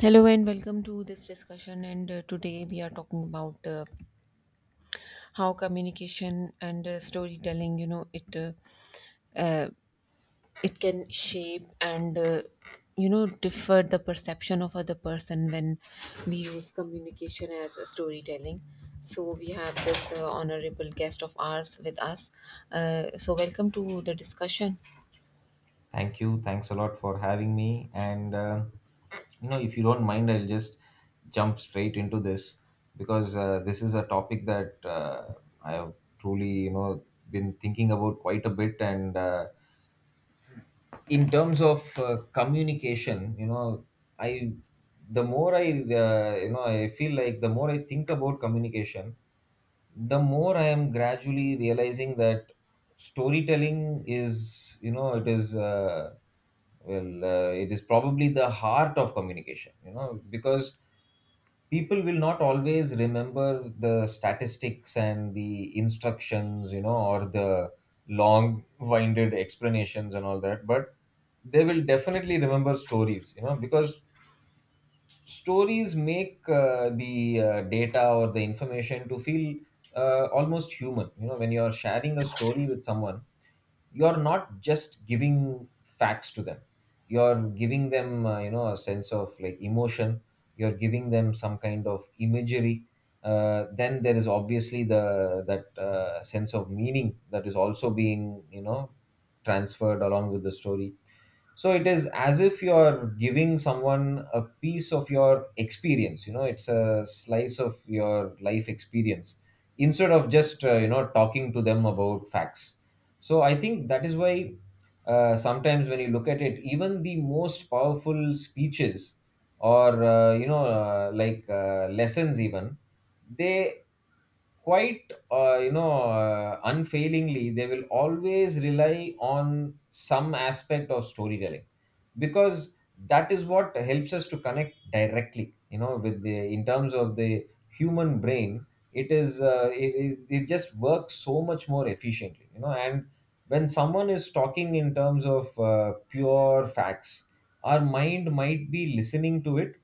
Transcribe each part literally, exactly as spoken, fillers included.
Hello and welcome to this discussion. And uh, today we are talking about uh, how communication and uh, storytelling, you know, it uh, uh, it can shape and uh, you know differ the perception of other person when we use communication as a storytelling. So we have this uh, honorable guest of ours with us. Uh, so welcome to the discussion. Thank you. Thanks a lot for having me. And, uh, you know, if you don't mind, I'll just jump straight into this, because uh, this is a topic that uh, I have truly, you know, been thinking about quite a bit. And uh, in terms of uh, communication, you know, I, the more I, uh, you know, I feel like the more I think about communication, the more I am gradually realizing that storytelling is, you know, it is, uh, well, uh, it is probably the heart of communication, you know, because people will not always remember the statistics and the instructions, you know, or the long winded explanations and all that, but they will definitely remember stories, you know, because stories make uh, the uh, data or the information to feel uh, almost human you know When you are sharing a story with someone, you're not just giving facts to them. You're giving them, uh, you know a sense of, like, emotion. You're giving them some kind of imagery. Uh, then there is obviously the that uh, sense of meaning that is also being, you know transferred along with the story. So it is as if you're giving someone a piece of your experience. You know it's a slice of your life experience, instead of just uh, you know talking to them about facts. So I think that is why, uh, sometimes, when you look at it, even the most powerful speeches, or uh, you know uh, like uh, lessons, even, they, quite uh, you know uh, unfailingly, they will always rely on some aspect of storytelling, because that is what helps us to connect directly, you know with the in terms of the human brain. It is uh, it, it it just works so much more efficiently. You know and when someone is talking in terms of uh, pure facts, our mind might be listening to it.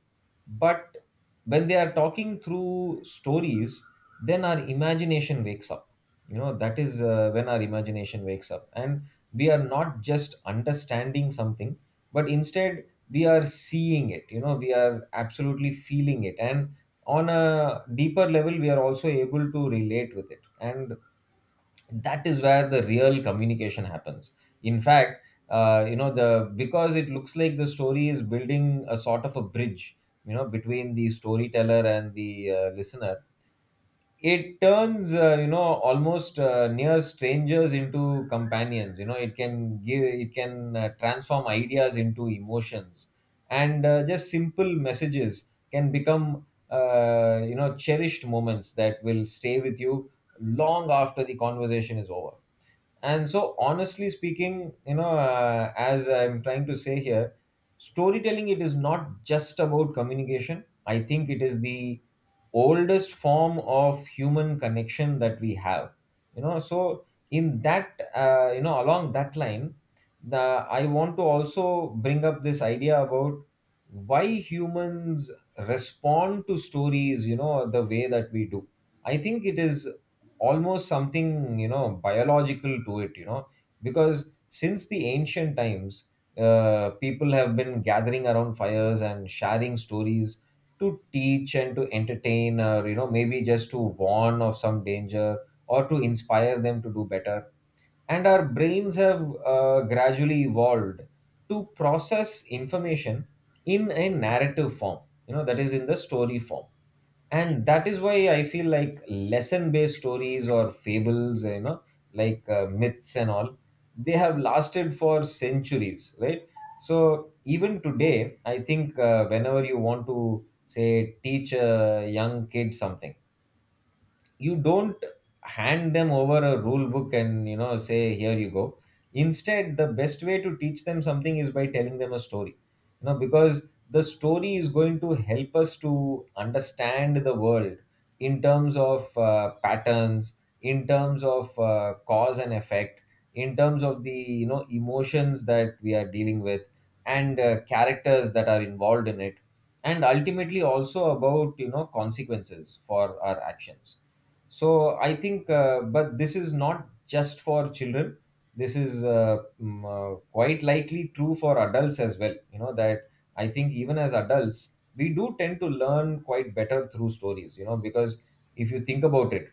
But when they are talking through stories, then our imagination wakes up. You know that is uh, when our imagination wakes up, and we are not just understanding something, but instead we are seeing it. You know we are absolutely feeling it, and on a deeper level we are also able to relate with it, and that is where the real communication happens. In fact, uh, you know the because it looks like the story is building a sort of a bridge you know between the storyteller and the uh, listener. It turns, uh, you know almost uh, near strangers into companions. You know it can give it can uh, transform ideas into emotions. And uh, just simple messages can become, uh, you know cherished moments that will stay with you long after the conversation is over. And so, honestly speaking, you know, uh, as I'm trying to say here, storytelling it is not just about communication. I think it is the oldest form of human connection that we have. You know, so in that, uh, you know, along that line, the I want to also bring up this idea about why humans respond to stories, You know, the way that we do. I think it is almost something you know biological to it you know because since the ancient times, uh, people have been gathering around fires and sharing stories to teach and to entertain, or you know maybe just to warn of some danger, or to inspire them to do better. And our brains have uh, gradually evolved to process information in a narrative form, you know that is, in the story form. And that is why I feel like lesson based stories, or fables, you know like uh, myths and all, they have lasted for centuries, right? So even today I think, uh, whenever you want to, say, teach a young kid something, you don't hand them over a rule book and you know say here you go. Instead, the best way to teach them something is by telling them a story, you know because the story is going to help us to understand the world in terms of uh, patterns, in terms of uh, cause and effect, in terms of the you know emotions that we are dealing with, and uh, characters that are involved in it, and ultimately also about you know consequences for our actions. So I think, uh, but this is not just for children. This is uh, mm, uh, quite likely true for adults as well. You know that I think even as adults, we do tend to learn quite better through stories, You know because if you think about it,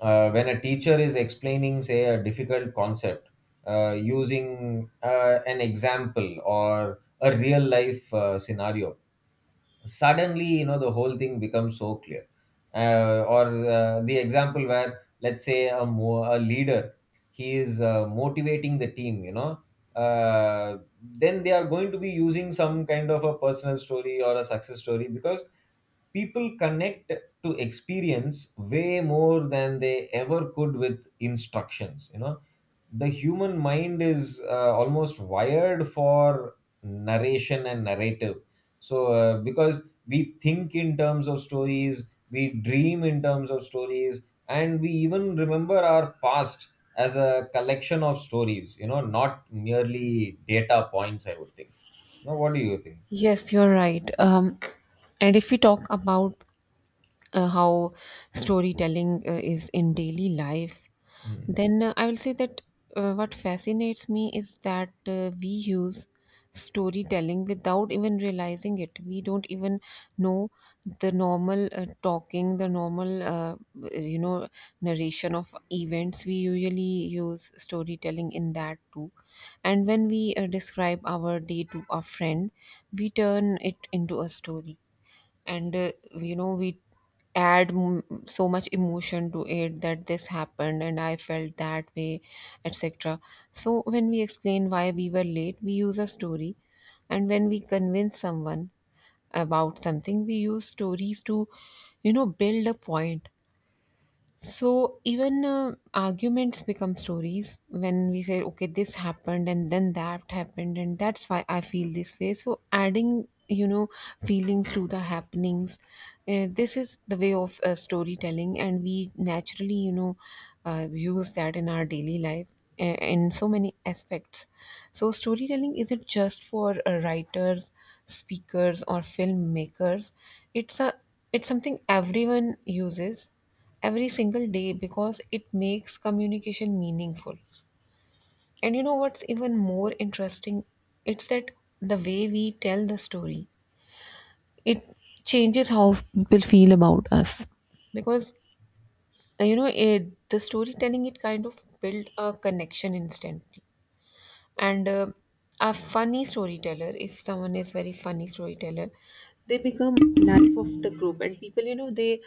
uh, when a teacher is explaining, say, a difficult concept uh, using uh, an example or a real life uh, scenario, suddenly you know the whole thing becomes so clear. Uh, or uh, the example where, let's say, a, mo- a leader, he is uh, motivating the team, you know uh, then they are going to be using some kind of a personal story or a success story, because people connect to experience way more than they ever could with instructions. You know the human mind is uh, almost wired for narration and narrative. So, uh, because we think in terms of stories, we dream in terms of stories, and we even remember our past as a collection of stories, you know, not merely data points, I would think. Now, what do you think? Yes, you're right. Um, and if we talk about uh, how storytelling uh, is in daily life, Hmm. then uh, I will say that uh, what fascinates me is that uh, we use storytelling without even realizing it. We don't even know the normal uh, talking, the normal, uh, you know, narration of events. We usually use storytelling in that too. And when we uh, describe our day to a friend, we turn it into a story and uh, you know we add m- so much emotion to it that this happened and I felt that way, etc. So when we explain why we were late, we use a story. And when we convince someone about something, we use stories to you know build a point. So even uh, arguments become stories when we say, okay, this happened and then that happened, and that's why I feel this way. So adding, you know, feelings to the happenings, uh, this is the way of uh, storytelling, and we naturally, you know, uh, use that in our daily life uh, in so many aspects. So storytelling isn't just for uh, writers, speakers, or filmmakers. It's a it's something everyone uses every single day because it makes communication meaningful. And you know what's even more interesting? It's that the way we tell the story, it changes how people feel about us. Because, uh, you know, it, the storytelling, it kind of built a connection instantly, and uh, a funny storyteller, if someone is very funny storyteller, they become life of the group, and people you know they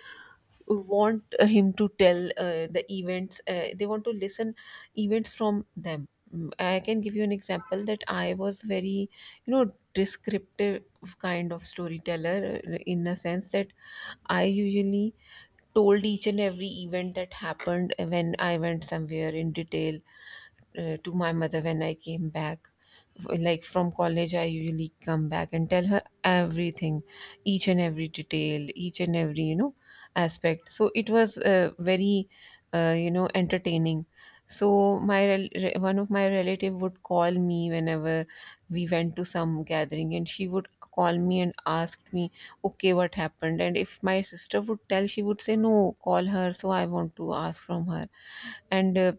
want uh, him to tell uh, the events, uh, they want to listen events from them. Mm, I can give you an example that I was very you know descriptive kind of storyteller uh, in a sense that I usually told each and every event that happened when I went somewhere in detail uh, to my mother when I came back. Like from college, I usually come back and tell her everything, each and every detail, each and every, you know, aspect. So it was uh, very, uh, you know, entertaining. So my rel- re- one of my relative would call me whenever we went to some gathering, and she would call me and ask me, okay, what happened, and if my sister would tell, she would say no, call her, so I want to ask from her. And uh,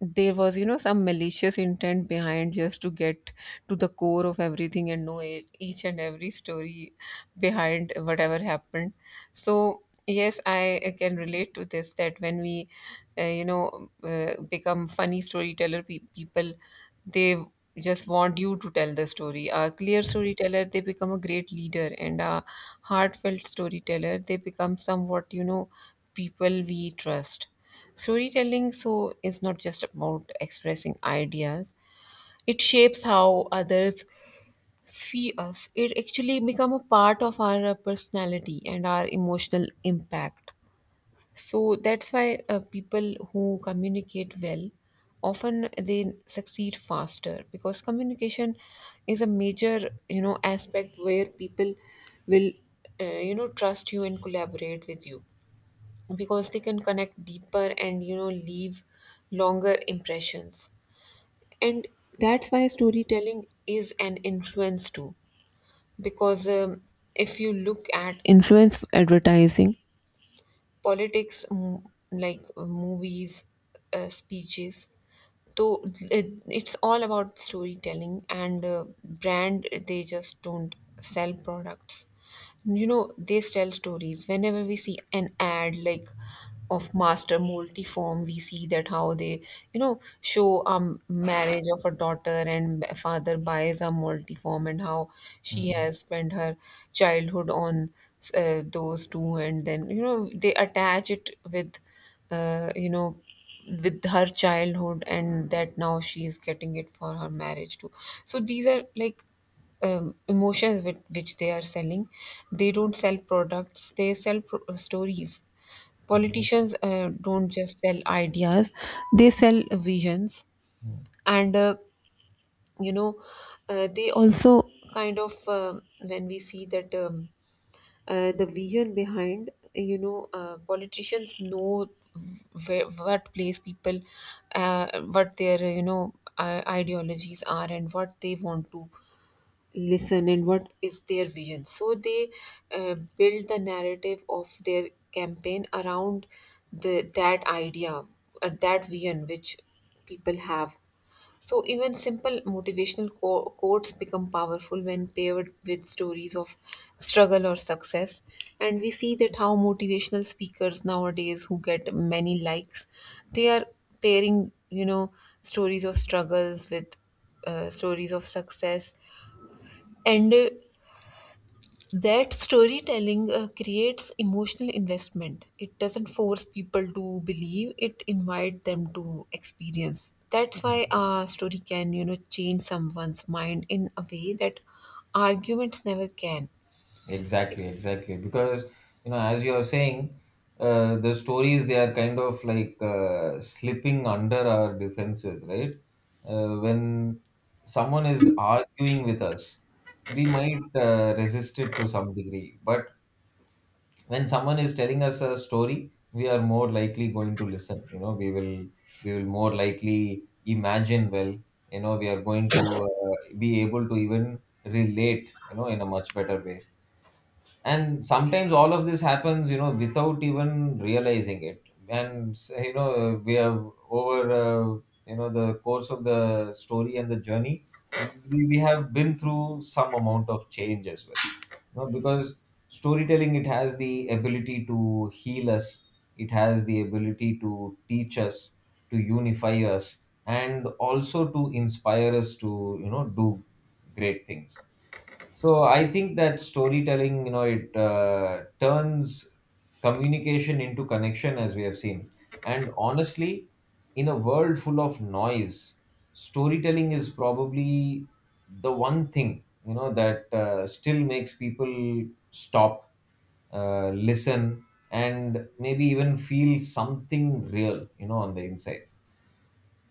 there was you know some malicious intent behind, just to get to the core of everything and know e- each and every story behind whatever happened. So yes, I uh, can relate to this that when we, uh, you know, uh, become funny storyteller pe people, they just want you to tell the story. A clear storyteller, they become a great leader, and a heartfelt storyteller, they become somewhat, you know, people we trust. Storytelling, so, is not just about expressing ideas. It shapes how others see us. It actually become a part of our uh, personality and our emotional impact. So that's why uh, people who communicate well often they succeed faster, because communication is a major you know aspect where people will uh, you know trust you and collaborate with you, because they can connect deeper and you know leave longer impressions. And that's why storytelling is an influence too, because um, if you look at influence advertising, politics, m- like uh, movies, uh, speeches, so it, it's all about storytelling. And uh, brand, they just don't sell products. You know, they tell stories. Whenever we see an ad like of Master Multiform, we see that how they, you know, show um marriage of a daughter and father buys a multiform and how she Hmm. has spent her childhood on uh, those two, and then you know they attach it with uh, you know with her childhood and that now she is getting it for her marriage too. So these are like um, emotions with which they are selling. They don't sell products, they sell pro- uh, stories. Politicians uh, don't just sell ideas, they sell visions. Hmm. And uh, you know, uh, they also kind of um when we see that um, uh, the vision behind you know uh, politicians know where, what place people, uh, what their you know uh, ideologies are and what they want to listen and what is their vision, so they uh, build the narrative of their campaign around the that idea, uh, that vision which people have. So even simple motivational qu- quotes become powerful when paired with stories of struggle or success. And we see that how motivational speakers nowadays who get many likes, they are pairing, you know, stories of struggles with uh, stories of success. And uh, that storytelling uh, creates emotional investment. It doesn't force people to believe, it invites them to experience. That's why a story can, you know, change someone's mind in a way that arguments never can. Exactly, exactly. Because, you know, as you are saying, uh, the stories, they are kind of, like, uh, slipping under our defenses, right? Uh, when someone is arguing with us, we might uh, resist it to some degree. But when someone is telling us a story, we are more likely going to listen. You know, we will we will more likely imagine well. You know, we are going to uh, be able to even relate, You know, in a much better way. And sometimes all of this happens you know without even realizing it, and s- you know we have, over uh, you know the course of the story and the journey, we, we have been through some amount of change as well, you know, because storytelling it has the ability to heal us, it has the ability to teach us, to unify us, and also to inspire us to you know do great things. So I think that storytelling, you know, it uh, turns communication into connection, as we have seen. And honestly, in a world full of noise, storytelling is probably the one thing you know that uh, still makes people stop, uh, listen, and maybe even feel something real you know, on the inside.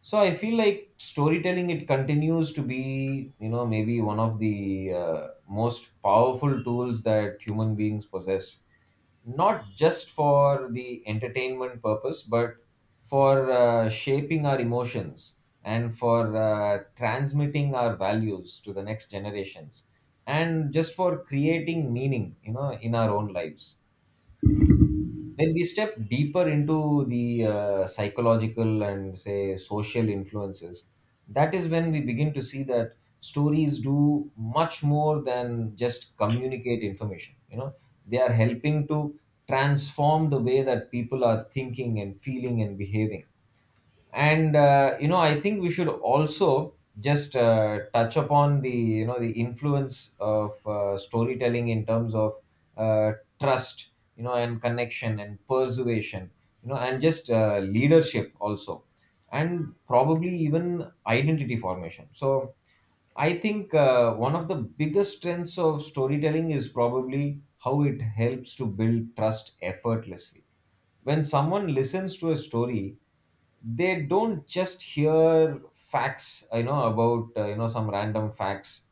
So I feel like storytelling it continues to be you know maybe one of the uh, most powerful tools that human beings possess, not just for the entertainment purpose, but for uh, shaping our emotions, and for uh, transmitting our values to the next generations, and just for creating meaning you know in our own lives. When we step deeper into the uh, psychological and, say, social influences, that is when we begin to see that stories do much more than just communicate information. You know, they are helping to transform the way that people are thinking and feeling and behaving. And uh, you know I think we should also just uh, touch upon the you know the influence of uh, storytelling in terms of uh, trust you know and connection and persuasion, you know and just uh, leadership also, and probably even identity formation. So I think uh, one of the biggest strengths of storytelling is probably how it helps to build trust effortlessly. When someone listens to a story, they don't just hear facts you know about uh, you know some random facts,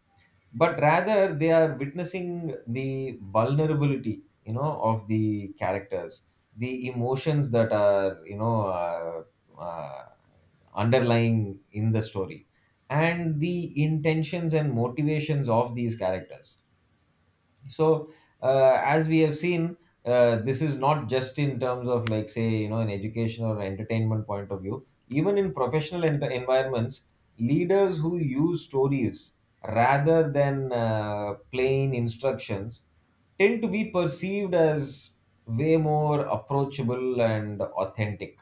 but rather they are witnessing the vulnerability you know of the characters, the emotions that are you know uh, uh, underlying in the story, and the intentions and motivations of these characters. So, uh, as we have seen, uh, this is not just in terms of, like, say, you know an education or entertainment point of view. Even in professional en- environments, leaders who use stories rather than uh, plain instructions tend to be perceived as way more approachable and authentic.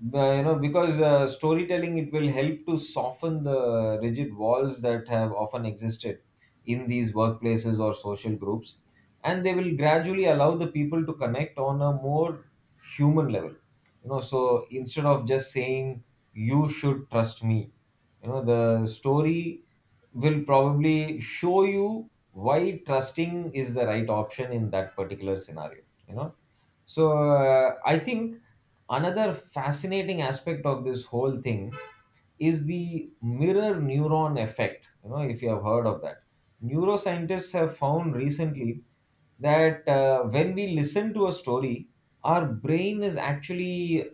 But, you know, because uh, storytelling it will help to soften the rigid walls that have often existed in these workplaces or social groups, and they will gradually allow the people to connect on a more human level. You know, so instead of just saying you should trust me, you know, the story will probably show you why trusting is the right option in that particular scenario you know so uh, i think another fascinating aspect of this whole thing is the mirror neuron effect, you know, if you have heard of that. Neuroscientists have found recently that uh, when we listen to a story, our brain is actually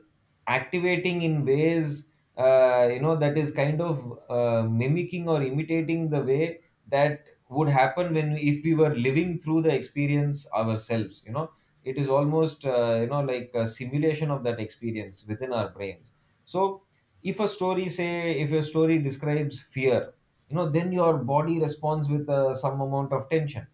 activating in ways uh, you know, that is kind of uh, mimicking or imitating the way that would happen when we, if we were living through the experience ourselves, you know. It is almost uh, you know, like a simulation of that experience within our brains. So if a story say if a story describes fear, you know, then your body responds with uh, some amount of tension.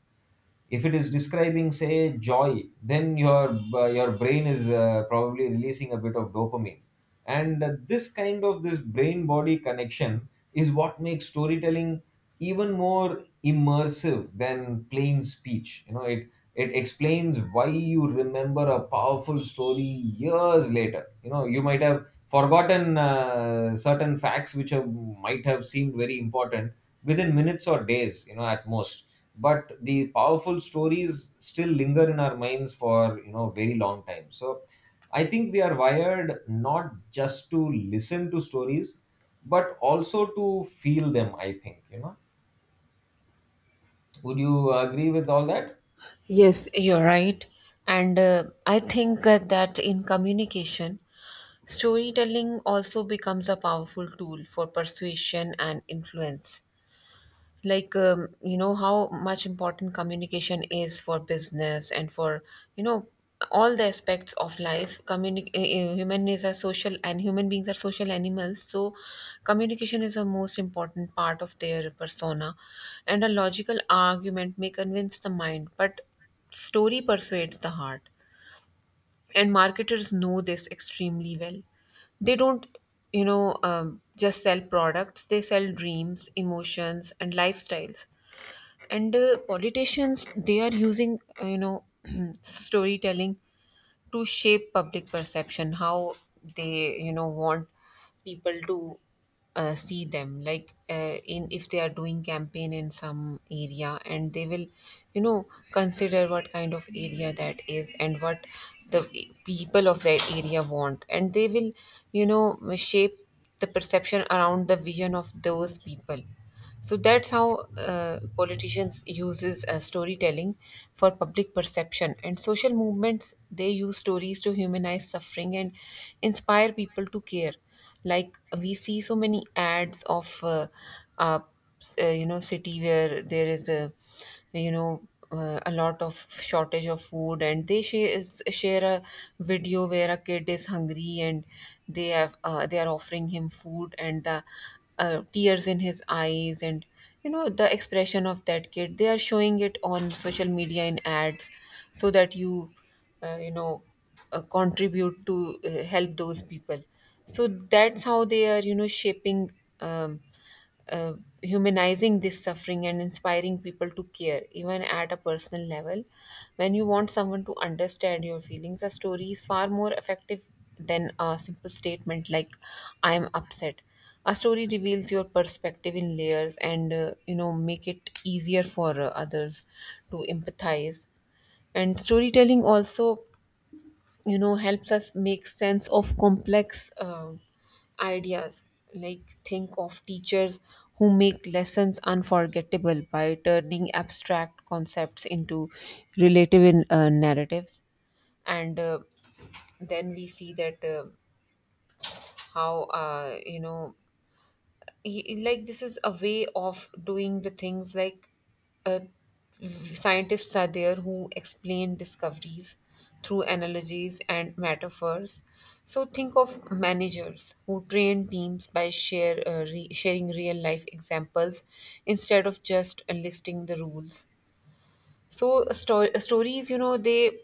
If it is describing, say, joy, then your uh, your brain is uh, probably releasing a bit of dopamine. And uh, this kind of this brain body connection is what makes storytelling even more immersive than plain speech, you know. It it explains why you remember a powerful story years later. You know, you might have forgotten uh, certain facts which have, might have seemed very important within minutes or days, you know, at most, but the powerful stories still linger in our minds for, you know, very long time. So I think we are wired not just to listen to stories but also to feel them, I think, you know. Would you agree with all that? Yes, you're right. And uh, I think uh, that in communication, storytelling also becomes a powerful tool for persuasion and influence. Like um, you know how much important communication is for business and for you know all the aspects of life. Communic- uh, uh, human is a social, and human beings are social animals, so communication is a most important part of their persona. And a logical argument may convince the mind, but story persuades the heart. And marketers know this extremely well. They don't you know um, just sell products, they sell dreams, emotions, and lifestyles. And uh, politicians, they are using uh, you know storytelling to shape public perception, how they you know want people to uh, see them, like uh, in if they are doing campaign in some area and they will you know consider what kind of area that is and what the people of that area want, and they will you know shape the perception around the vision of those people. So that's how uh, politicians uses uh, storytelling for public perception. And social movements, they use stories to humanize suffering and inspire people to care. Like we see so many ads of uh, uh, s- uh, you know city where there is a you know uh, a lot of shortage of food, and they share, share a video where a kid is hungry, and they have uh, they are offering him food, and the uh, tears in his eyes and you know the expression of that kid, they are showing it on social media in ads so that you uh, you know uh, contribute to uh, help those people. So that's how they are you know shaping um, uh, humanizing this suffering and inspiring people to care, even at a personal level. When you want someone to understand your feelings, a story is far more effective than a simple statement like, I am upset. A story reveals your perspective in layers and, uh, you know, make it easier for uh, others to empathize. And storytelling also you know helps us make sense of complex um ideas. Like think of teachers who make lessons unforgettable by turning abstract concepts into relative uh, narratives. And uh, then we see that uh, how uh, you know he- like this is a way of doing the things, like uh, scientists are there who explain discoveries through analogies and metaphors. So think of managers who train teams by share uh, re- sharing real life examples instead of just listing the rules. So sto- stories you know they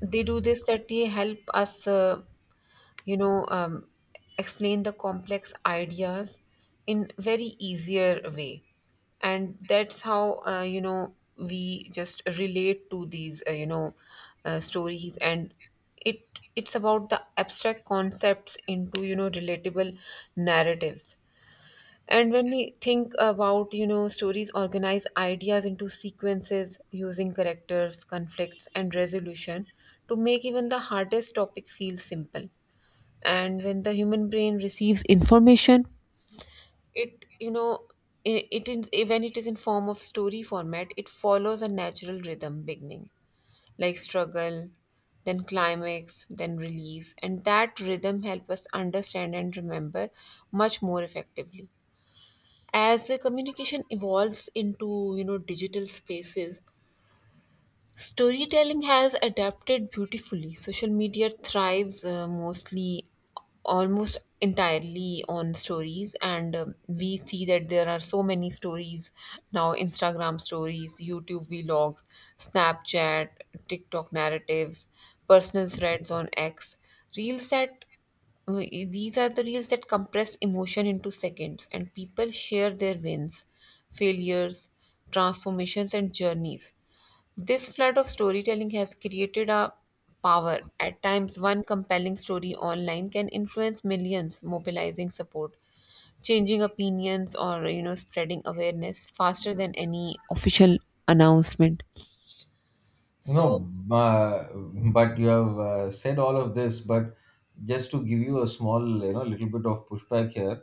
they do this, that they help us uh, you know, um, explain the complex ideas in very easier way. And that's how, uh, you know, we just relate to these, uh, you know, uh, stories. And it it's about the abstract concepts into, you know, relatable narratives. And when we think about, you know, stories organize ideas into sequences using characters, conflicts, and resolution to make even the hardest topic feel simple. And when the human brain receives information, it you know I- it in when it is in form of story format, it follows a natural rhythm: beginning, like struggle, then climax, then release, and that rhythm helps us understand and remember much more effectively. As the communication evolves into you know digital spaces, storytelling has adapted beautifully. Social media thrives uh, mostly, almost entirely on stories, and um, we see that there are so many stories now: Instagram stories, YouTube vlogs, Snapchat, TikTok narratives, personal threads on X, reels that uh, these are the reels that compress emotion into seconds, and people share their wins, failures, transformations and journeys. This flood of storytelling has created a power. At times, one compelling story online can influence millions, mobilizing support, changing opinions, or you know, spreading awareness faster than any official announcement. you know So, uh, but you have uh, said all of this, but just to give you a small, you know, little bit of pushback here.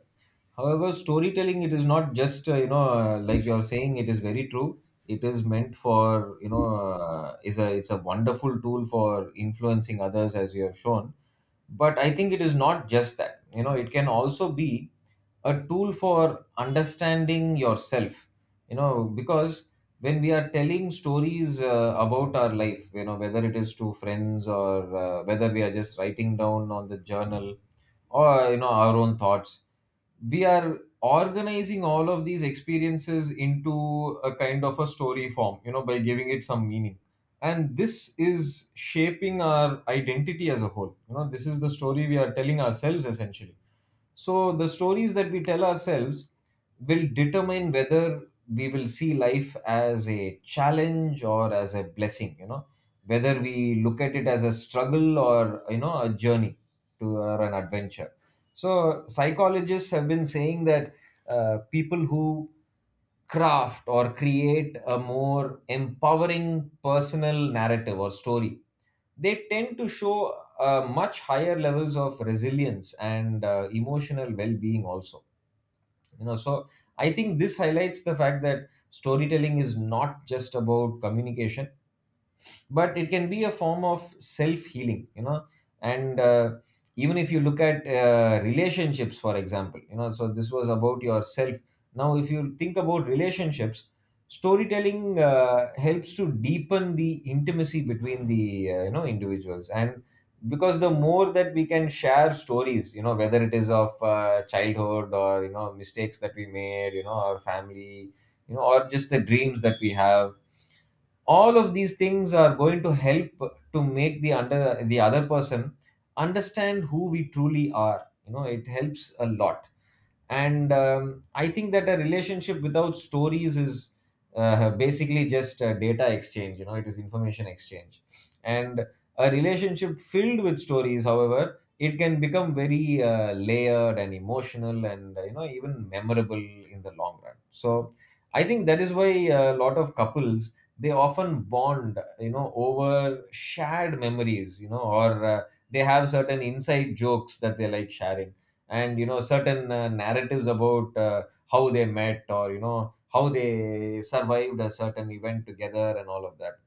However, storytelling, it is not just, uh, you know, uh, like you're saying, it is very true. It is meant for, you know, uh, is a it's a wonderful tool for influencing others, as you have shown. But I think it is not just that, you know. It can also be a tool for understanding yourself, you know, because when we are telling stories uh, about our life, you know, whether it is to friends or uh, whether we are just writing down on the journal or, you know, our own thoughts, we are organizing all of these experiences into a kind of a story form, you know, by giving it some meaning. And this is shaping our identity as a whole. You know, this is the story we are telling ourselves, essentially. So the stories that we tell ourselves will determine whether we will see life as a challenge or as a blessing, you know, whether we look at it as a struggle or, you know, a journey to or an adventure. So psychologists have been saying that uh, people who craft or create a more empowering personal narrative or story, they tend to show uh, much higher levels of resilience and uh, emotional well-being also, you know. So I think this highlights the fact that storytelling is not just about communication, but it can be a form of self healing, you know. And uh, even if you look at uh, relationships, for example, you know, so this was about yourself. Now if you think about relationships, storytelling uh, helps to deepen the intimacy between the uh, you know, individuals. And because the more that we can share stories, you know, whether it is of uh, childhood or, you know, mistakes that we made, you know, our family, you know, or just the dreams that we have, all of these things are going to help to make the under the other person understand who we truly are, you know. It helps a lot. And um, I think that a relationship without stories is uh, basically just a data exchange, you know. It is information exchange. And a relationship filled with stories, however, it can become very uh, layered and emotional and, uh, you know, even memorable in the long run. So I think that is why a lot of couples, they often bond, you know, over shared memories, you know, or uh, they have certain inside jokes that they like sharing. And, you know, certain uh, narratives about uh, how they met or, you know, how they survived a certain event together, and all of that.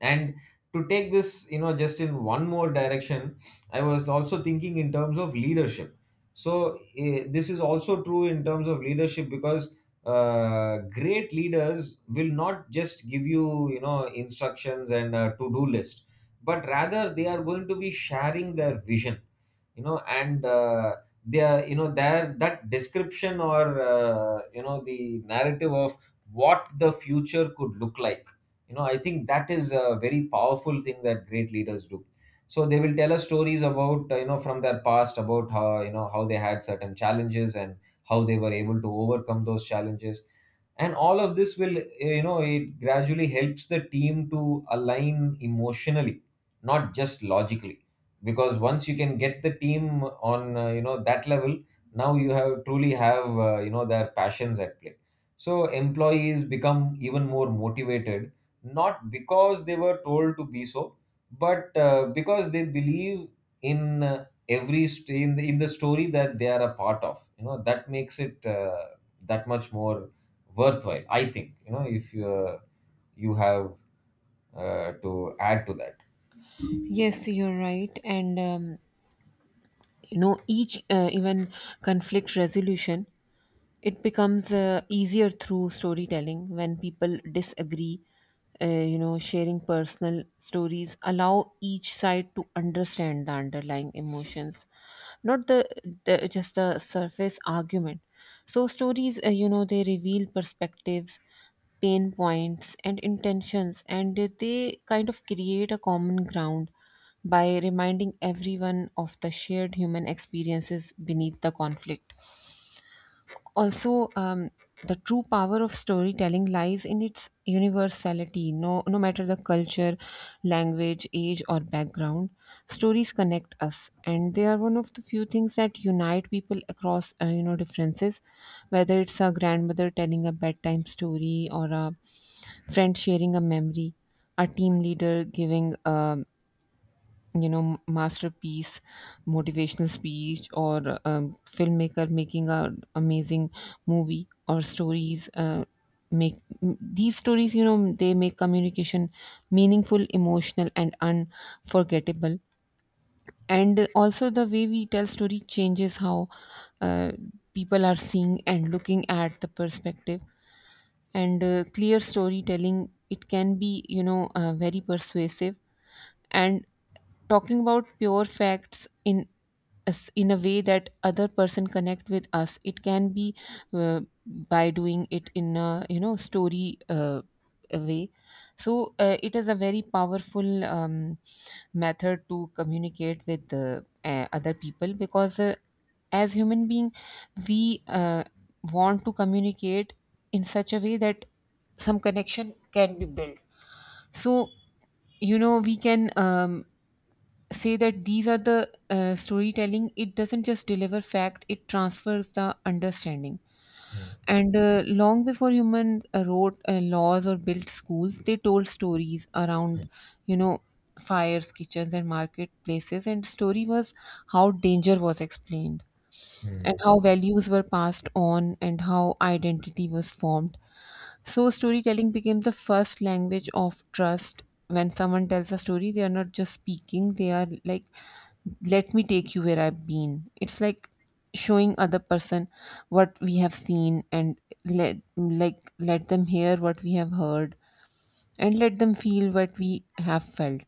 And to take this, you know, just in one more direction, I was also thinking in terms of leadership. So eh, this is also true in terms of leadership, because uh, great leaders will not just give you, you know, instructions and a to-do list, but rather they are going to be sharing their vision, you know. And uh, they are, you know, there that description or, uh, you know, the narrative of what the future could look like, you know. I think that is a very powerful thing that great leaders do. So they will tell us stories about, uh, you know, from their past, about how you know how they had certain challenges and how they were able to overcome those challenges. And all of this will, eh, you know, it gradually helps the team to align emotionally, not just logically. Because once you can get the team on, uh, you know, that level, now you have truly have uh, you know, their passions at play. So employees become even more motivated, not because they were told to be so, but uh, because they believe in, uh, every st- in the, in the story that they are a part of, you know. That makes it uh, that much more worthwhile, I think, you know, if you uh, you have uh, to add to that. yes, you're right, and um, you know, each uh, even conflict resolution, it becomes uh, easier through storytelling. When people disagree, uh, you know, sharing personal stories allow each side to understand the underlying emotions, not the, the just the surface argument. So stories, uh, you know, they reveal perspectives, pain points and intentions, and they kind of create a common ground by reminding everyone of the shared human experiences beneath the conflict. Also, um, the true power of storytelling lies in its universality. No no matter the culture, language, age or background, stories connect us, and they are one of the few things that unite people across uh, you know, differences. Whether it's a grandmother telling a bedtime story, or a friend sharing a memory, a team leader giving a, you know, masterpiece motivational speech, or um, filmmaker making a amazing movie, or stories uh, make m- these stories, you know, they make communication meaningful, emotional and unforgettable. And also, the way we tell story changes how uh, people are seeing and looking at the perspective. And uh, clear storytelling, it can be, you know, uh, very persuasive. And talking about pure facts in us in a way that other person connect with us, it can be uh, by doing it in a, you know, story uh, a way. So uh, it is a very powerful um, method to communicate with uh, uh, other people, because uh, as human being, we uh, want to communicate in such a way that some connection can be built. So, you know, we can, um, say that these are the uh, storytelling, it doesn't just deliver fact, it transfers the understanding. Mm, And uh, long before humans uh, wrote uh, laws or built schools, they told stories around, mm, you know, fires, kitchens and marketplaces, and story was how danger was explained, and mm. how values were passed on, and how identity was formed. So, storytelling became the first language of trust. When someone tells a story, they are not just speaking, they are like, let me take you where I've been. It's like showing other person what we have seen, and let like let them hear what we have heard, and let them feel what we have felt.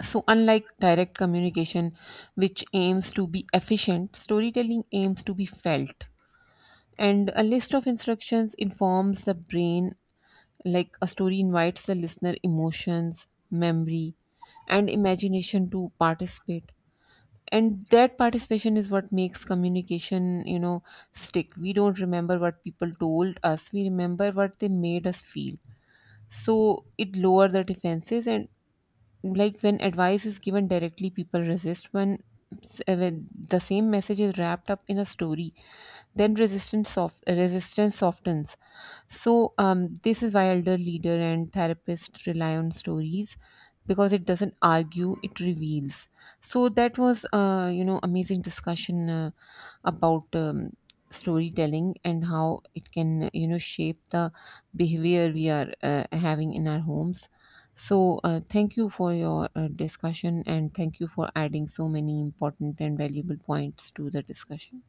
So, unlike direct communication, which aims to be efficient, storytelling aims to be felt. And a list of instructions informs the brain, like a story invites the listener emotions, memory, and imagination to participate. And that participation is what makes communication, you know, stick. We don't remember what people told us, we remember what they made us feel. So, it lowers the defenses. And like when advice is given directly, people resist. When, s- uh, when the same message is wrapped up in a story, then resistance soft uh, resistance softens. So um, this is why elder, leader and therapist rely on stories, because it doesn't argue, it reveals. So that was, uh, you know, amazing discussion uh, about um, storytelling and how it can, you know, shape the behavior we are uh, having in our homes. So, uh, thank you for your uh, discussion, and thank you for adding so many important and valuable points to the discussion.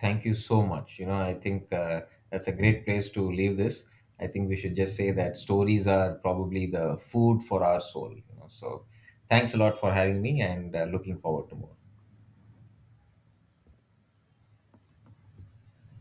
Thank you so much. You know, I think uh, that's a great place to leave this. I think we should just say that stories are probably the food for our soul, you know. So thanks a lot for having me, and uh, looking forward to more.